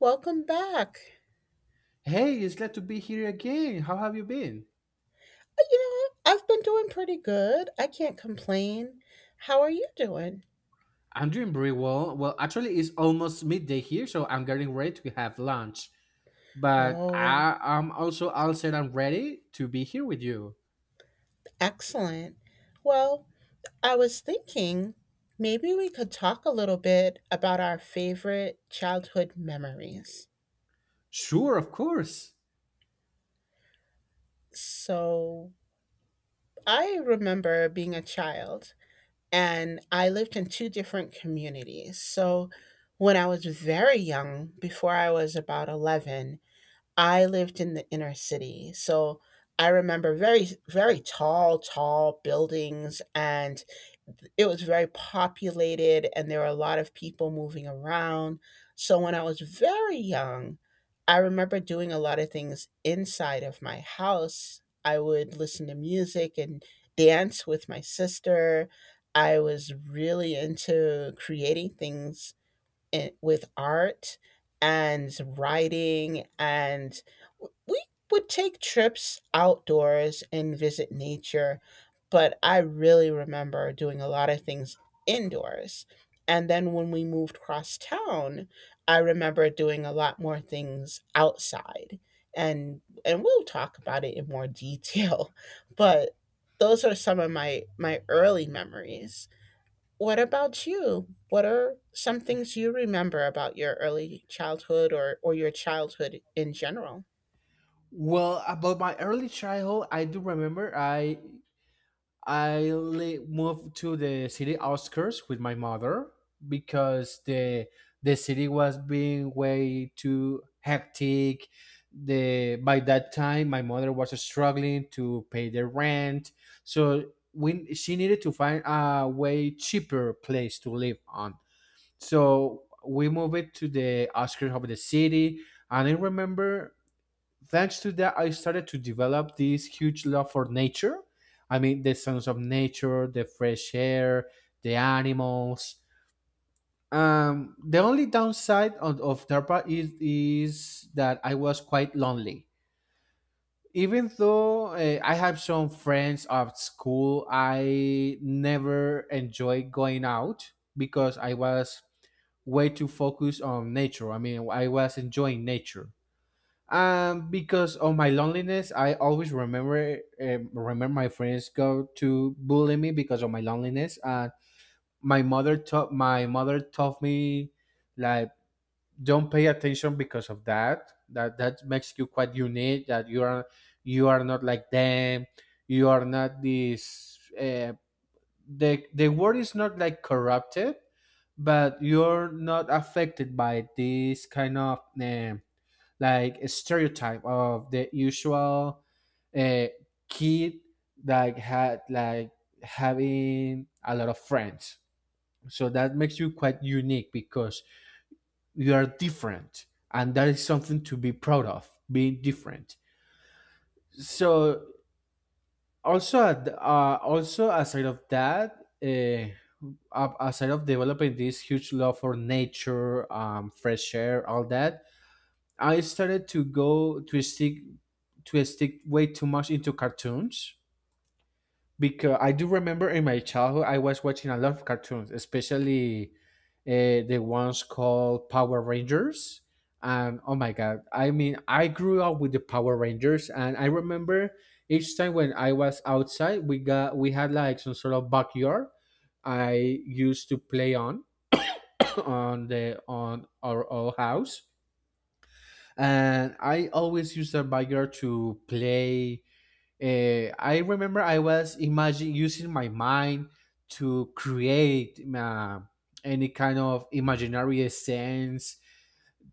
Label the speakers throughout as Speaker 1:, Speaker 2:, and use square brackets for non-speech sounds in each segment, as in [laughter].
Speaker 1: Welcome back.
Speaker 2: Hey, it's glad to be here again. How have you been?
Speaker 1: You know, I've been doing pretty good. I can't complain. How are you doing?
Speaker 2: I'm doing very well. Well, actually, it's almost midday here, so I'm getting ready to have lunch. But
Speaker 1: Oh,
Speaker 2: I am also all set and ready to be here with you.
Speaker 1: excellent. Well, I was thinking maybe we could talk a little bit about our favorite childhood memories.
Speaker 2: Sure, of course.
Speaker 1: So, I remember being a child and I lived in two different communities. So, when I was very young, before I was about 11, I lived in the inner city, so I remember very, very tall, tall buildings, and it was very populated, and there were a lot of people moving around. So when I was very young, I remember doing a lot of things inside of my house. I would listen to music and dance with my sister. I was really into creating things and with art and writing, and we would take trips outdoors and visit nature, but I really remember doing a lot of things indoors. And then when we moved across town, I remember doing a lot more things outside, and we'll talk about it in more detail [laughs] but those are some of my early memories. What about you? What are some things you remember about your early childhood, or your childhood in general?
Speaker 2: Well, about my early childhood, I do remember I moved to the city outskirts with my mother because the city was being way too hectic. The by that time my mother was struggling to pay the rent, so we she needed to find a way cheaper place to live on. So we moved it to the outskirts of the city, and I remember thanks to that, I started to develop this huge love for nature. I mean, the sounds of nature, the fresh air, the animals. The only downside of DARPA is that I was quite lonely. Even though I have some friends at school, I never enjoyed going out because I was way too focused on nature. I mean, I was enjoying nature. Because of my loneliness, I always remember my friends go to bully me because of my loneliness. And my mother taught me like don't pay attention because of that. That makes you quite unique. That you are not like them. You are not this. The word is not like corrupted, but you're not affected by this kind of. Like a stereotype of the usual uh, kid that had like having a lot of friends. So that makes you quite unique because you are different, and that is something to be proud of, being different. So also, also aside of that, aside of developing this huge love for nature, fresh air, all that, I started to stick way too much into cartoons because I do remember in my childhood I was watching a lot of cartoons, especially the ones called Power Rangers. And oh my god, I mean, I grew up with the Power Rangers, and I remember each time when I was outside, we had like some sort of backyard I used to play on [coughs] on the on our old house and I always use the biker to play. I remember I was imagine using my mind to create any kind of imaginary sense,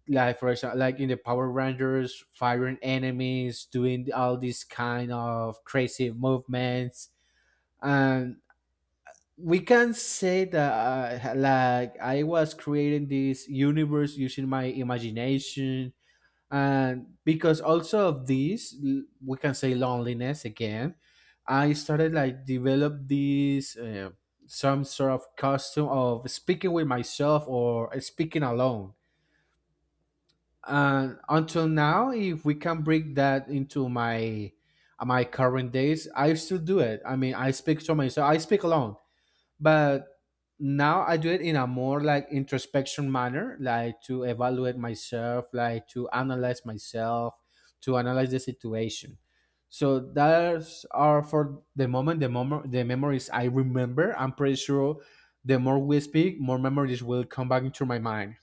Speaker 2: like for example, like in the Power Rangers, firing enemies, doing all these kind of crazy movements, and we can say that like I was creating this universe using my imagination and because also of this, we can say loneliness again. I started like develop this some sort of custom of speaking with myself or speaking alone, and until now if we can bring that into my current days I still do it. I mean I speak to myself, I speak alone, but now I do it in a more like introspection manner, like to evaluate myself, like to analyze myself, to analyze the situation. So those are for the moment the memories I remember. I'm pretty sure the more we speak more memories will come back into my mind.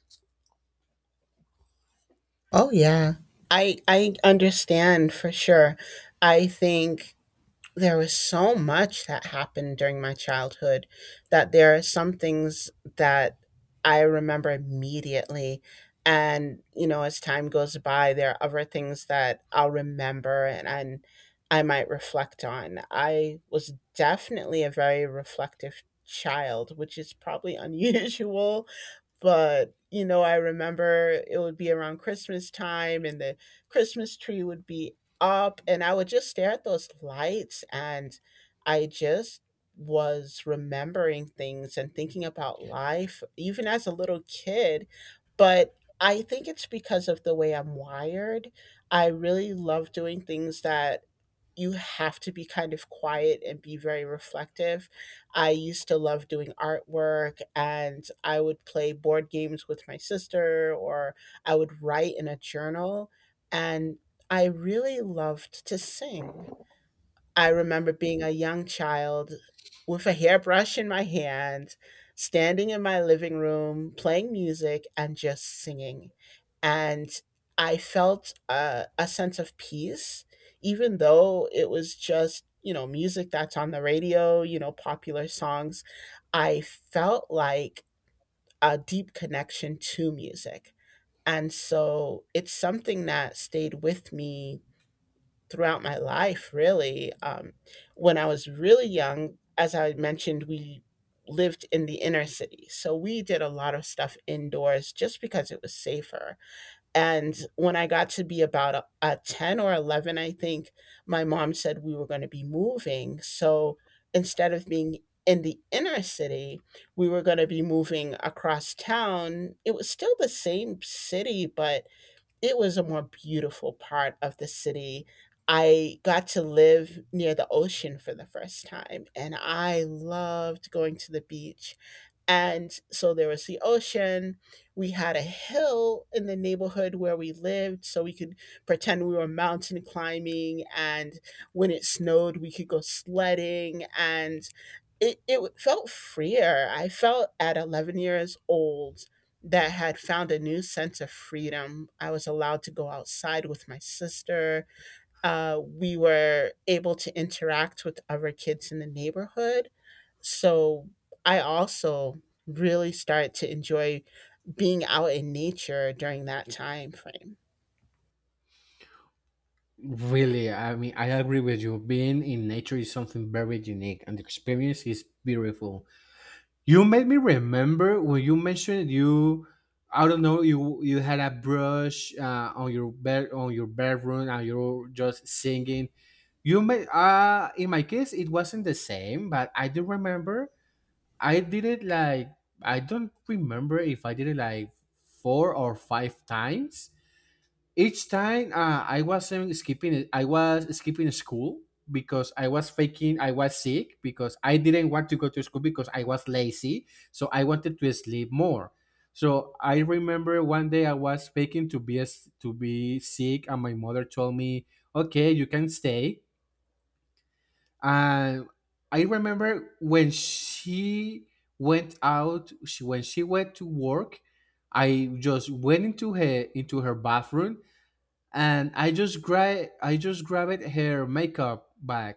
Speaker 1: Oh, yeah. I understand for sure. I think there was so much that happened during my childhood that there are some things that I remember immediately. And, you know, as time goes by, there are other things that I'll remember and, I might reflect on. I was definitely a very reflective child, which is probably [laughs] unusual, but, you know, I remember it would be around Christmas time and the Christmas tree would be up, and I would just stare at those lights and I just was remembering things and thinking about life even as a little kid, but I think it's because of the way I'm wired. I really love doing things that you have to be kind of quiet and be very reflective. I used to love doing artwork and I would play board games with my sister, or I would write in a journal. And I really loved to sing. I remember being a young child with a hairbrush in my hand, standing in my living room, playing music, and just singing. And I felt a sense of peace, even though it was just, you know, music that's on the radio, you know, popular songs. I felt like a deep connection to music. And so it's something that stayed with me throughout my life, really. When I was really young, as I mentioned, we lived in the inner city. So we did a lot of stuff indoors just because it was safer. And when I got to be about a 10 or 11, I think, my mom said we were going to be moving. So instead of being in the inner city, we were going to be moving across town. It was still the same city, but it was a more beautiful part of the city. I got to live near the ocean for the first time, and I loved going to the beach, and so there was the ocean. We had a hill in the neighborhood where we lived, so we could pretend we were mountain climbing. And when it snowed, we could go sledding. And it felt freer. I felt at 11 years old that I had found a new sense of freedom. I was allowed to go outside with my sister, we were able to interact with other kids in the neighborhood. So I also really started to enjoy being out in nature during that time frame.
Speaker 2: Really, I mean, I agree with you. Being in nature is something very unique and the experience is beautiful. You made me remember when you mentioned you, I don't know, you had a brush on your bed on your bedroom and you're just singing. You made in my case it wasn't the same, but I do remember I did it like, I don't remember if I did it like four or five times. Each time I wasn't skipping I was skipping school because I was sick because I didn't want to go to school because I was lazy, so I wanted to sleep more. So I remember one day I was faking to be sick and my mother told me okay you can stay. And I remember when she went out she, when she went to work, I just went into her bathroom, and I just grabbed her makeup bag,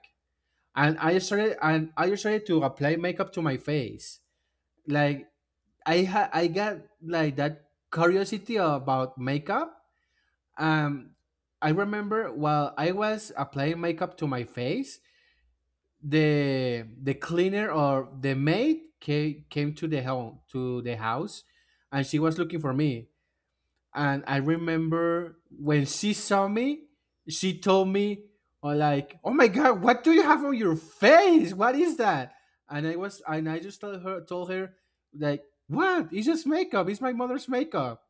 Speaker 2: and I started to apply makeup to my face. Like I got like that curiosity about makeup. Um, I remember while I was applying makeup to my face, the cleaner or the maid came to the home to the house, and she was looking for me. And I remember when she saw me, she told me, like, "Oh my God, what do you have on your face? What is that?" And I just told her, like, "What? It's just makeup. It's my mother's makeup."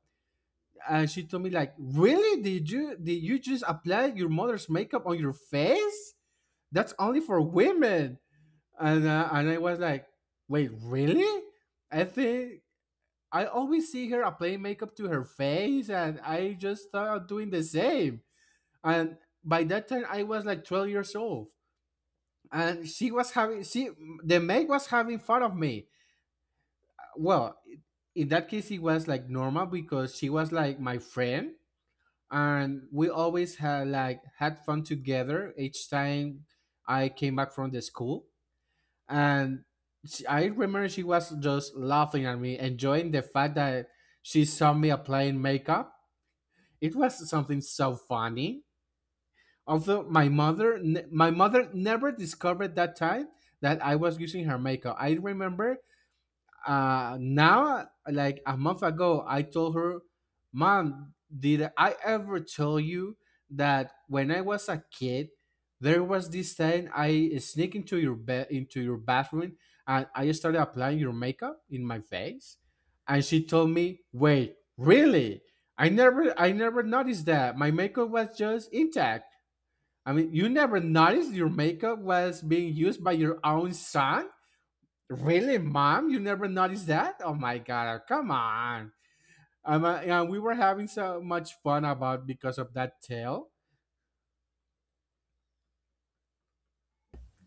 Speaker 2: And she told me, like, "Really? Did you just apply your mother's makeup on your face? That's only for women." And I was like, "Wait, really?" I think I always see her applying makeup to her face, and I just started doing the same. And by that time, I was like 12 years old, and she was having she the maid was having fun of me. Well, in that case, it was like normal because she was like my friend, and we always had had fun together each time I came back from the school. And I remember she was just laughing at me, enjoying the fact that she saw me applying makeup. It was something so funny. Although my mother, my mother never discovered that time that I was using her makeup. I remember now like a month ago I told her, "Mom, did I ever tell you that when I was a kid there was this time I sneak into your bed into your bathroom and I started applying your makeup in my face?" And she told me, "Wait, really? I never noticed that. My makeup was just intact." I mean, you never noticed your makeup was being used by your own son. Really, mom? You never noticed that? Oh my god! Come on. Yeah, we were having so much fun about because of that tale.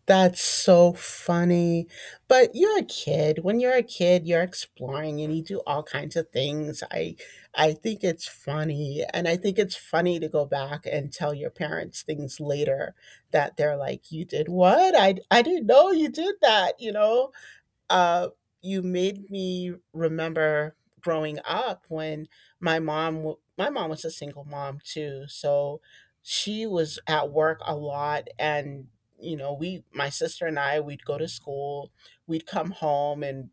Speaker 1: That's so funny. But you're a kid. When you're a kid, you're exploring and you do all kinds of things. I think it's funny. And I think it's funny to go back and tell your parents things later that they're like, you did what? I didn't know you did that, you know? uh, you made me remember growing up when my mom was a single mom too, so she was at work a lot, and you know, we, my sister and I, we'd go to school, we'd come home, and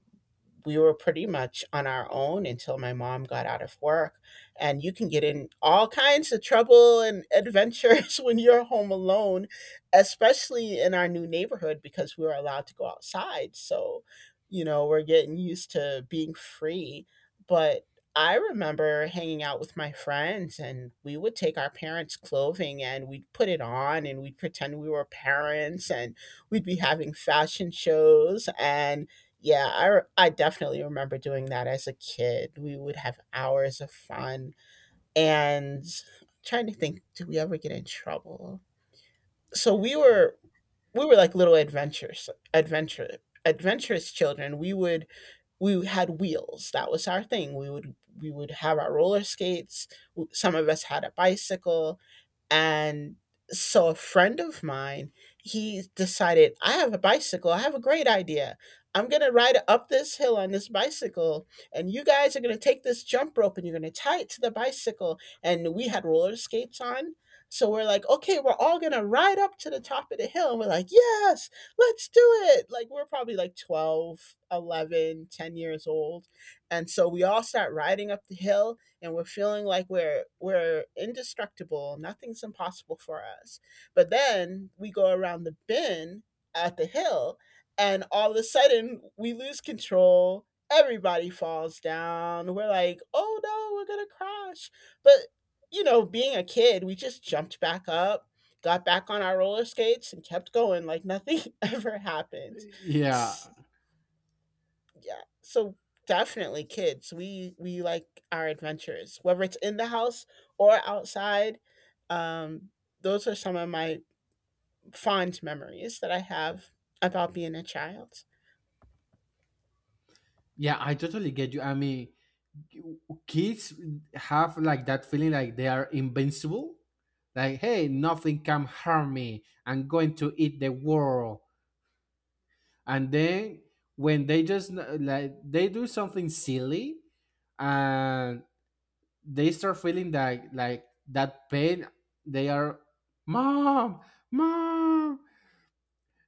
Speaker 1: we were pretty much on our own until my mom got out of work. And you can get in all kinds of trouble and adventures [laughs] when you're home alone, especially in our new neighborhood because we were allowed to go outside. So, you know, we're getting used to being free. But I remember hanging out with my friends and we would take our parents' clothing and we'd put it on and we'd pretend we were parents and we'd be having fashion shows, and yeah, I I definitely remember doing that as a kid. We would have hours of fun, and I'm trying to think, did we ever get in trouble? So we were like little adventures, adventure adventurous children. We would we had wheels. That was our thing. We would have our roller skates. Some of us had a bicycle, and so a friend of mine, he decided, I have a bicycle. I have a great idea. I'm gonna ride up this hill on this bicycle, and you guys are gonna take this jump rope and you're gonna tie it to the bicycle. And we had roller skates on. So we're like, okay, we're all gonna ride up to the top of the hill. And we're like, yes, let's do it. Like we're probably like 12, 11, 10 years old. And so we all start riding up the hill and we're feeling like we're indestructible. Nothing's impossible for us. But then we go around the bend at the hill and all of a sudden we lose control. Everybody falls down. We're like, "Oh no, we're going to crash." But you know, being a kid, we just jumped back up, got back on our roller skates and kept going like nothing [laughs] ever happened.
Speaker 2: Yeah,
Speaker 1: S- yeah. So definitely kids. We like our adventures, whether it's in the house or outside. Um, those are some of my fond memories that I have about being a child.
Speaker 2: yeah, I totally get you. I mean, kids have like that feeling like they are invincible. Like, hey, nothing can harm me. I'm going to eat the world. And then when they just like they do something silly, and they start feeling that like that pain, they are mom, mom,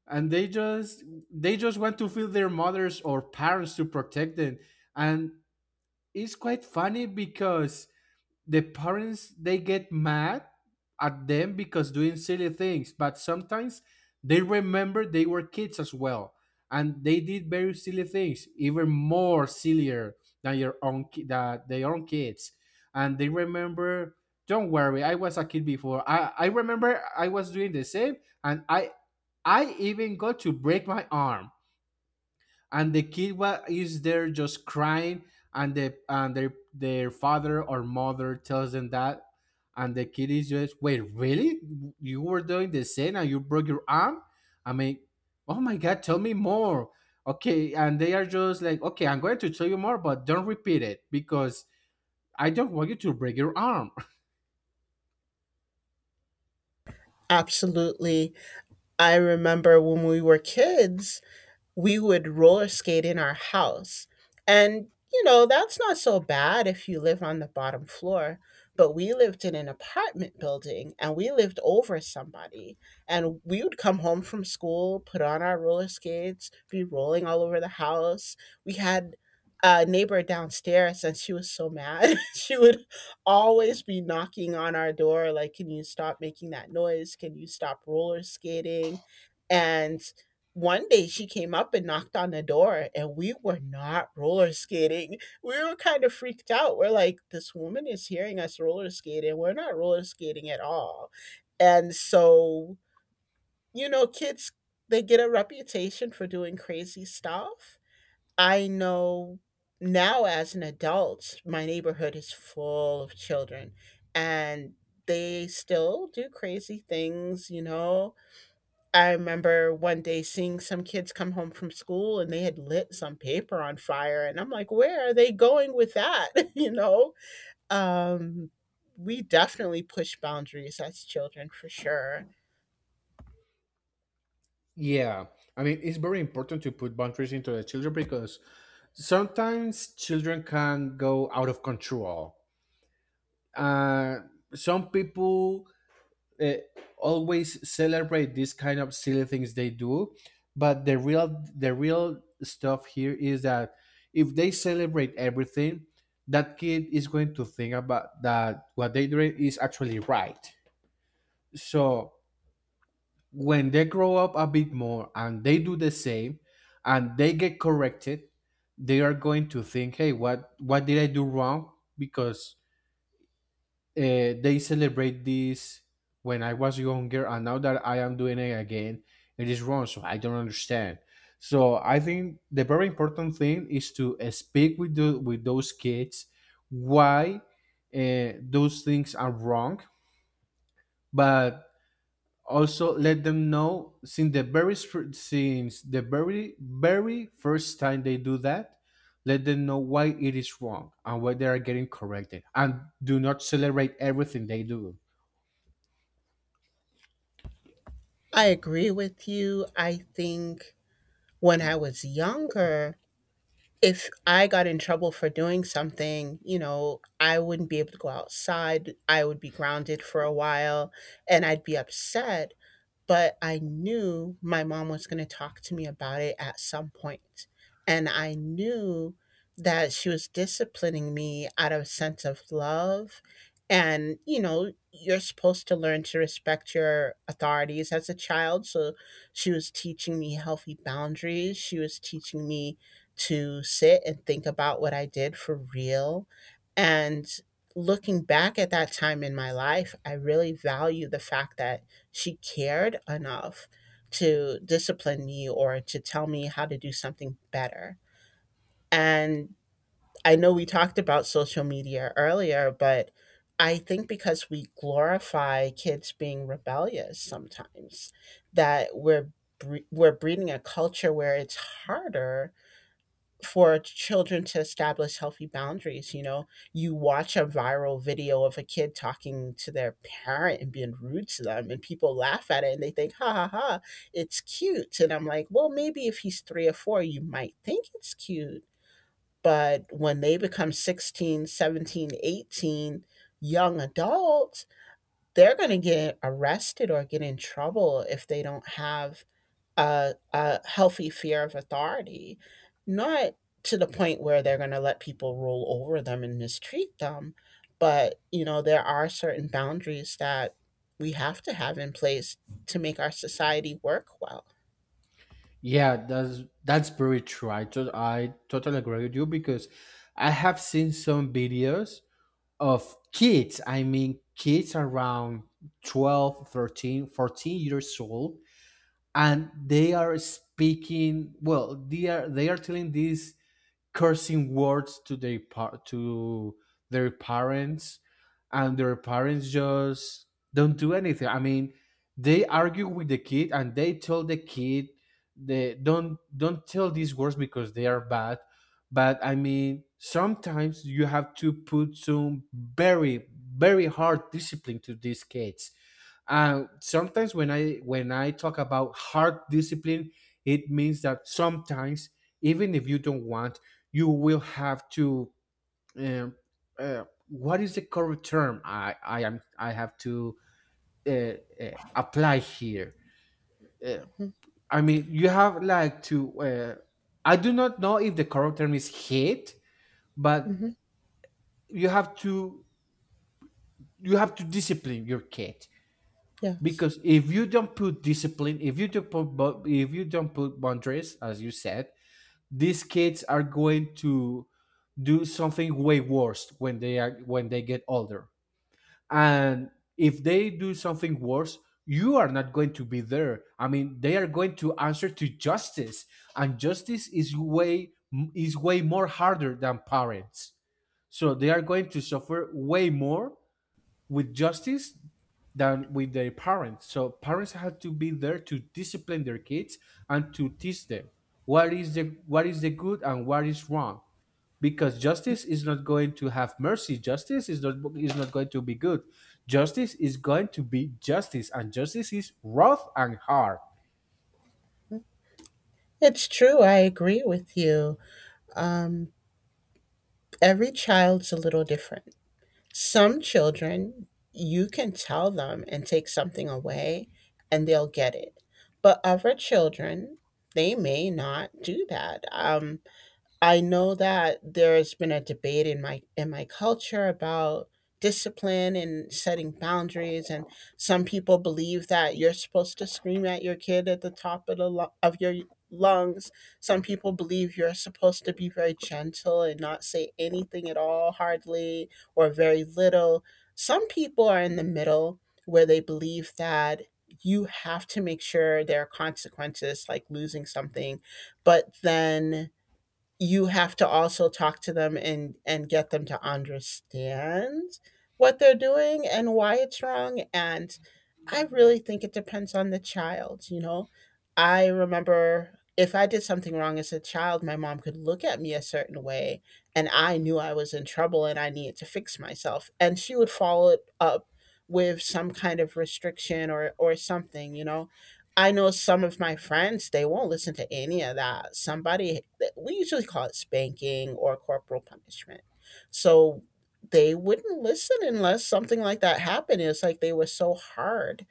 Speaker 2: and they just want to feel their mothers or parents to protect them. And it's quite funny because the parents they get mad at them because doing silly things, but sometimes they remember they were kids as well, and they did very silly things even more sillier than your own ki- that their own kids. And they remember, don't worry, I was a kid before, I remember I was doing the same, and I even got to break my arm. And the is there just crying, and their father or mother tells them that. And the kid is just, "Wait, really? You were doing the same and you broke your arm? I mean, oh my god, tell me more." Okay, and they are just like, "Okay, I'm going to tell you more, but don't repeat it because I don't want you to break your arm."
Speaker 1: Absolutely. I remember when we were kids, we would roller skate in our house. And, you know, that's not so bad if you live on the bottom floor. But we lived in an apartment building and we lived over somebody. And we would come home from school, put on our roller skates, be rolling all over the house. We had a neighbor downstairs and she was so mad. [laughs] She would always be knocking on our door, like, can you stop making that noise? Can you stop roller skating? And one day she came up and knocked on the door and we were not roller skating. We were kind of freaked out. We're like, this woman is hearing us roller skating. We're not roller skating at all. And so, you know, kids, they get a reputation for doing crazy stuff. I know now as an adult, my neighborhood is full of children and they still do crazy things, you know. I remember one day seeing some kids come home from school and they had lit some paper on fire. And I'm like, where are they going with that? [laughs] You know? Um, we definitely push boundaries as children for sure.
Speaker 2: [laughs] Yeah, I mean it's very important to put boundaries into the children because sometimes children can go out of control. uh, some people uh, always celebrate these kind of silly things they do, but the real stuff here is that if they celebrate everything, that kid is going to think about that what they do is actually right. So when they grow up a bit more and they do the same and they get corrected, they are going to think, hey, what did I do wrong? Because they celebrate this when I was younger, and now that I am doing it again, it is wrong. So I don't understand. So I think the very important thing is to speak with the, with those kids why those things are wrong, but also let them know since since the very very first time they do that, let them know why it is wrong and why they are getting corrected and do not celebrate everything they do.
Speaker 1: I agree with you. I think when I was younger, if I got in trouble for doing something, you know, I wouldn't be able to go outside. I would be grounded for a while and I'd be upset, but I knew my mom was going to talk to me about it at some point. And I knew that she was disciplining me out of a sense of love. And, you know, you're supposed to learn to respect your authorities as a child. So she was teaching me healthy boundaries. She was teaching me to sit and think about what I did for real. And looking back at that time in my life, I really value the fact that she cared enough to discipline me or to tell me how to do something better. And I know we talked about social media earlier, but I think because we glorify kids being rebellious sometimes, that we're breeding a culture where it's harder for children to establish healthy boundaries. You know, you watch a viral video of a kid talking to their parent and being rude to them, and people laugh at it and they think, ha ha ha, it's cute. And I'm like, well, maybe if he's three or four, you might think it's cute. But when they become 16, 17, 18, young adults, they're going to get arrested or get in trouble if they don't have a healthy fear of authority, not to the point where they're going to let people roll over them and mistreat them. But, you know, there are certain boundaries that we have to have in place to make our society work well.
Speaker 2: Yeah, that's very true. I totally agree with you because I have seen some videos of kids, I mean kids around 12, 13, 14 years old, and they are speaking, well, they are telling this cursing words to to their parents, and their parents just don't do anything. I mean, they argue with the kid, and they tell the kid they don't tell these words because they are bad. But I mean, sometimes you have to put some very, very hard discipline to these kids. And sometimes when I talk about hard discipline, it means that sometimes even if you don't want, you will have to. Um, what is the correct term? I have to uh, apply here. Uh, I mean, you have like to. I do not know if the correct term is hate, but
Speaker 1: Mm-hmm.
Speaker 2: you have to you have to discipline your kid.
Speaker 1: Yes.
Speaker 2: Because if you don't put discipline, if you don't put boundaries, as you said, these kids are going to do something way worse when they are when they get older. And if they do something worse, you are not going to be there. I mean, they are going to answer to justice, and justice is way more harder than parents, so they are going to suffer way more with justice than with their parents. So parents have to be there to discipline their kids and to teach them what is the good and what is wrong. Because justice is not going to have mercy. Justice is not going to be good. Justice is going to be justice, and justice is rough and hard.
Speaker 1: It's true. I agree with you. Um, every child's a little different. Some children, you can tell them and take something away and they'll get it. But other children, they may not do that. I know that there's been a debate in my culture about discipline and setting boundaries, and some people believe that you're supposed to scream at your kid at the top of the of your lungs. Some people believe you're supposed to be very gentle and not say anything at all, hardly, or very little. Some people are in the middle, where they believe that you have to make sure there are consequences, like losing something, but then you have to also talk to them and get them to understand what they're doing and why it's wrong. And I really think it depends on the child. I remember, if I did something wrong as a child, my mom could look at me a certain way and I knew I was in trouble and I needed to fix myself. And she would follow it up with some kind of restriction or something. I know some of my friends, they won't listen to any of that. Somebody, we usually call it spanking or corporal punishment. So they wouldn't listen unless something like that happened. It's like they were so hard.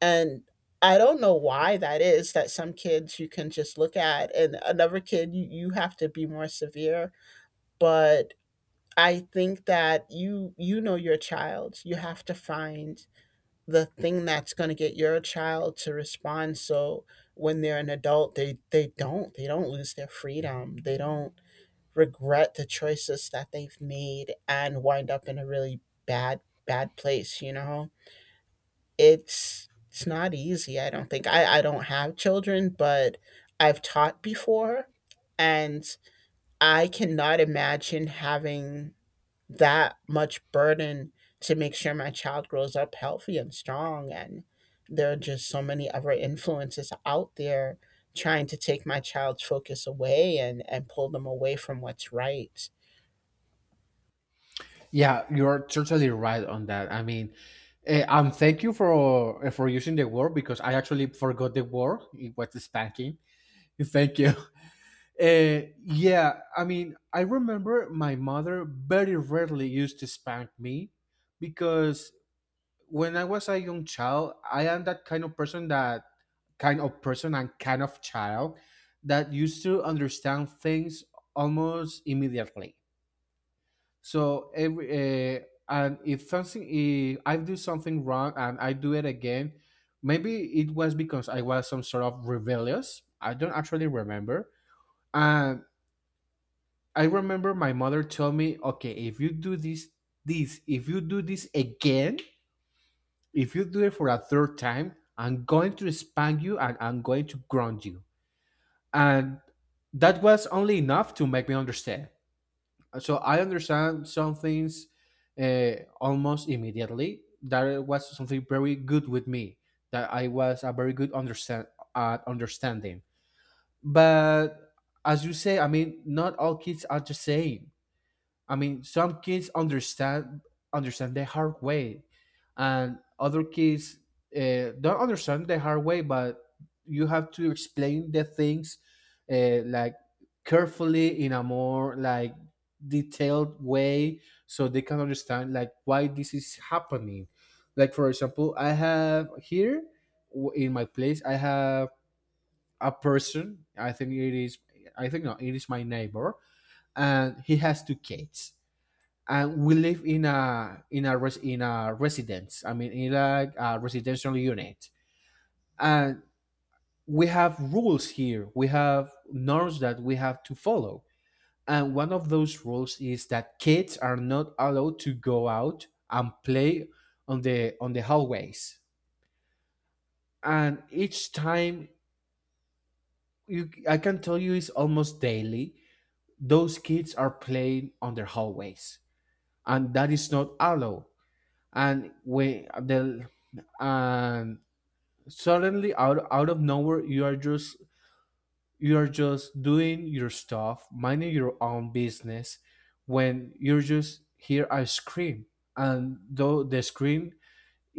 Speaker 1: And I don't know why that is, that some kids you can just look at and another kid you, you have to be more severe. But I think that you know your child. You have to find the thing that's gonna get your child to respond, so when they're an adult, they don't they don't lose their freedom. They don't regret the choices that they've made and wind up in a really bad place. It's not easy. I don't think, I don't have children, but I've taught before. And I cannot imagine having that much burden to make sure my child grows up healthy and strong, and there are just so many other influences out there trying to take my child's focus away and pull them away from what's right.
Speaker 2: Yeah, you're totally right on that. I mean, thank you for using the word, because I actually forgot the word. It was spanking. Thank you. Yeah, I mean, I remember my mother very rarely used to spank me, because when I was a young child, I am that kind of person and kind of child that used to understand things almost immediately. So every and if something if I do something wrong and I do it again, maybe it was because I was some sort of rebellious. I don't actually remember. And I remember my mother told me, okay, if you do this, if you do this again, if you do it for a third time, I'm going to spank you and I'm going to ground you. And that was only enough to make me understand. So I understand some things almost immediately. That was something very good with me, that I was a very good understand at understanding. But as you say, I mean, not all kids are the same. I mean, some kids understand the hard way, and other kids don't understand the hard way. But you have to explain the things like carefully in a more like detailed way, so they can understand like why this is happening. Like for example, I have here in my place, I have a person. I think it is. I think no, it is my neighbor, and he has two kids, and we live in a in a residence. I mean, in like a residential unit, and we have rules here. We have norms that we have to follow, and one of those rules is that kids are not allowed to go out and play on the hallways. And each time, you, I can tell you, it's almost daily. Those kids are playing on their hallways, and that is not allowed. And we the and suddenly out of nowhere, you are just doing your stuff, minding your own business, when you just hear a scream, and though the scream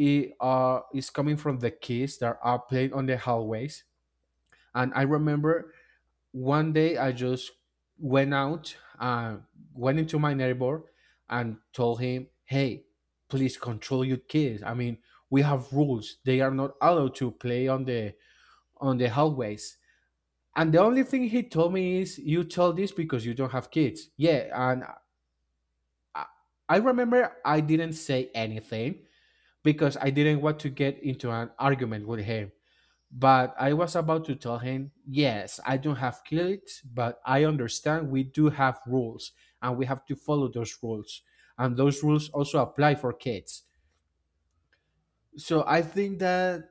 Speaker 2: is coming from the kids that are playing on the hallways. And I remember one day I just went out and went into my neighbor and told him, "Hey, please control your kids. I mean, we have rules, they are not allowed to play on the hallways." And the only thing he told me is, "You told this because you don't have kids." Yeah, and I, I remember I didn't say anything because I didn't want to get into an argument with him. But I was about to tell him, "Yes, I don't have kids, but I understand we do have rules, and we have to follow those rules, and those rules also apply for kids." So I think that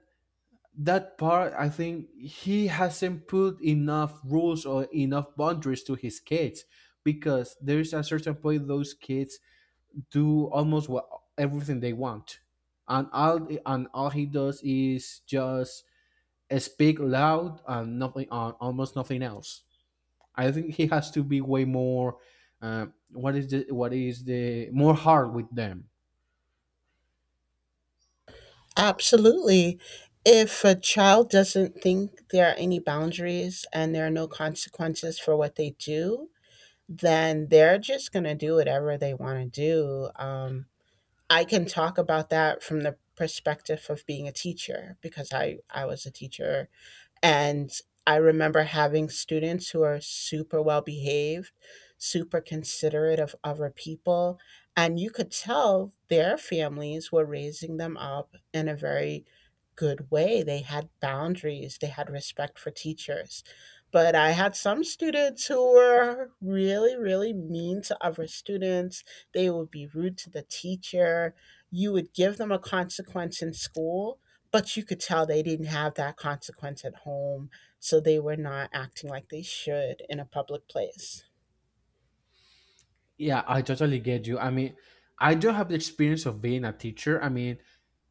Speaker 2: that part I think he hasn't put enough rules or enough boundaries to his kids, because there's a certain point those kids do almost what everything they want, and all he does is just speak loud and nothing on almost nothing else. I think he has to be way more what is the more hard with them.
Speaker 1: Absolutely. If a child doesn't think there are any boundaries and there are no consequences for what they do, then they're just going to do whatever they want to do. I can talk about that from the perspective of being a teacher, because I was a teacher. And I remember having students who are super well behaved, super considerate of other people. And you could tell their families were raising them up in a very good way. They had boundaries, they had respect for teachers. But I had some students who were really, really mean to other students. They would be rude to the teacher. You would give them a consequence in school, but you could tell they didn't have that consequence at home, so they were not acting like they should in a public place.
Speaker 2: Yeah, I totally get you. I mean, I don't have the experience of being a teacher. I mean,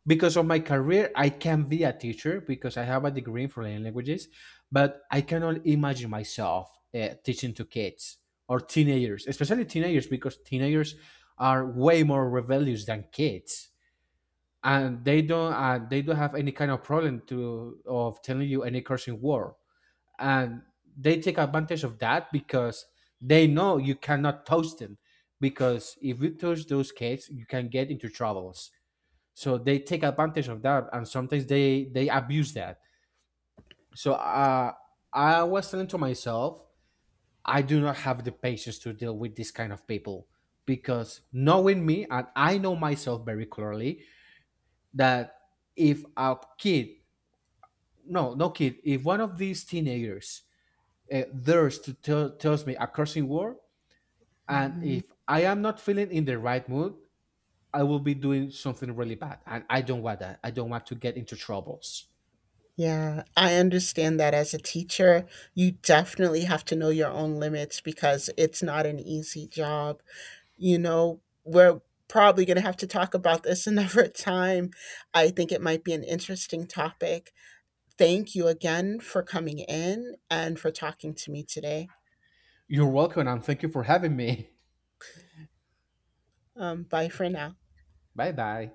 Speaker 2: because of my career I can be a teacher, because I have a degree in foreign languages, but I cannot imagine myself teaching to kids or teenagers, especially teenagers, because teenagers are way more rebellious than kids, and they don't have any kind of problem to of telling you any cursing word. And they take advantage of that because they know you cannot touch them, because if you touch those kids you can get into trouble. So they take advantage of that, and sometimes they abuse that. So I was saying to myself, I do not have the patience to deal with this kind of people, because knowing me, and I know myself very clearly, that if a kid no no kid if one of these teenagers dares to tell tells me a cursing word, and
Speaker 1: Mhm.
Speaker 2: if I am not feeling in the right mood, I will be doing something really bad, and I don't want that. I don't want to get into troubles.
Speaker 1: Yeah, I understand that as a teacher you definitely have to know your own limits, because it's not an easy job. You know, we're probably going to have to talk about this [laughs] another time. I think it might be an interesting topic. Thank you again for coming in and for talking to me today.
Speaker 2: You're welcome, and thank you for having me.
Speaker 1: Bye for now.
Speaker 2: [laughs] Bye bye.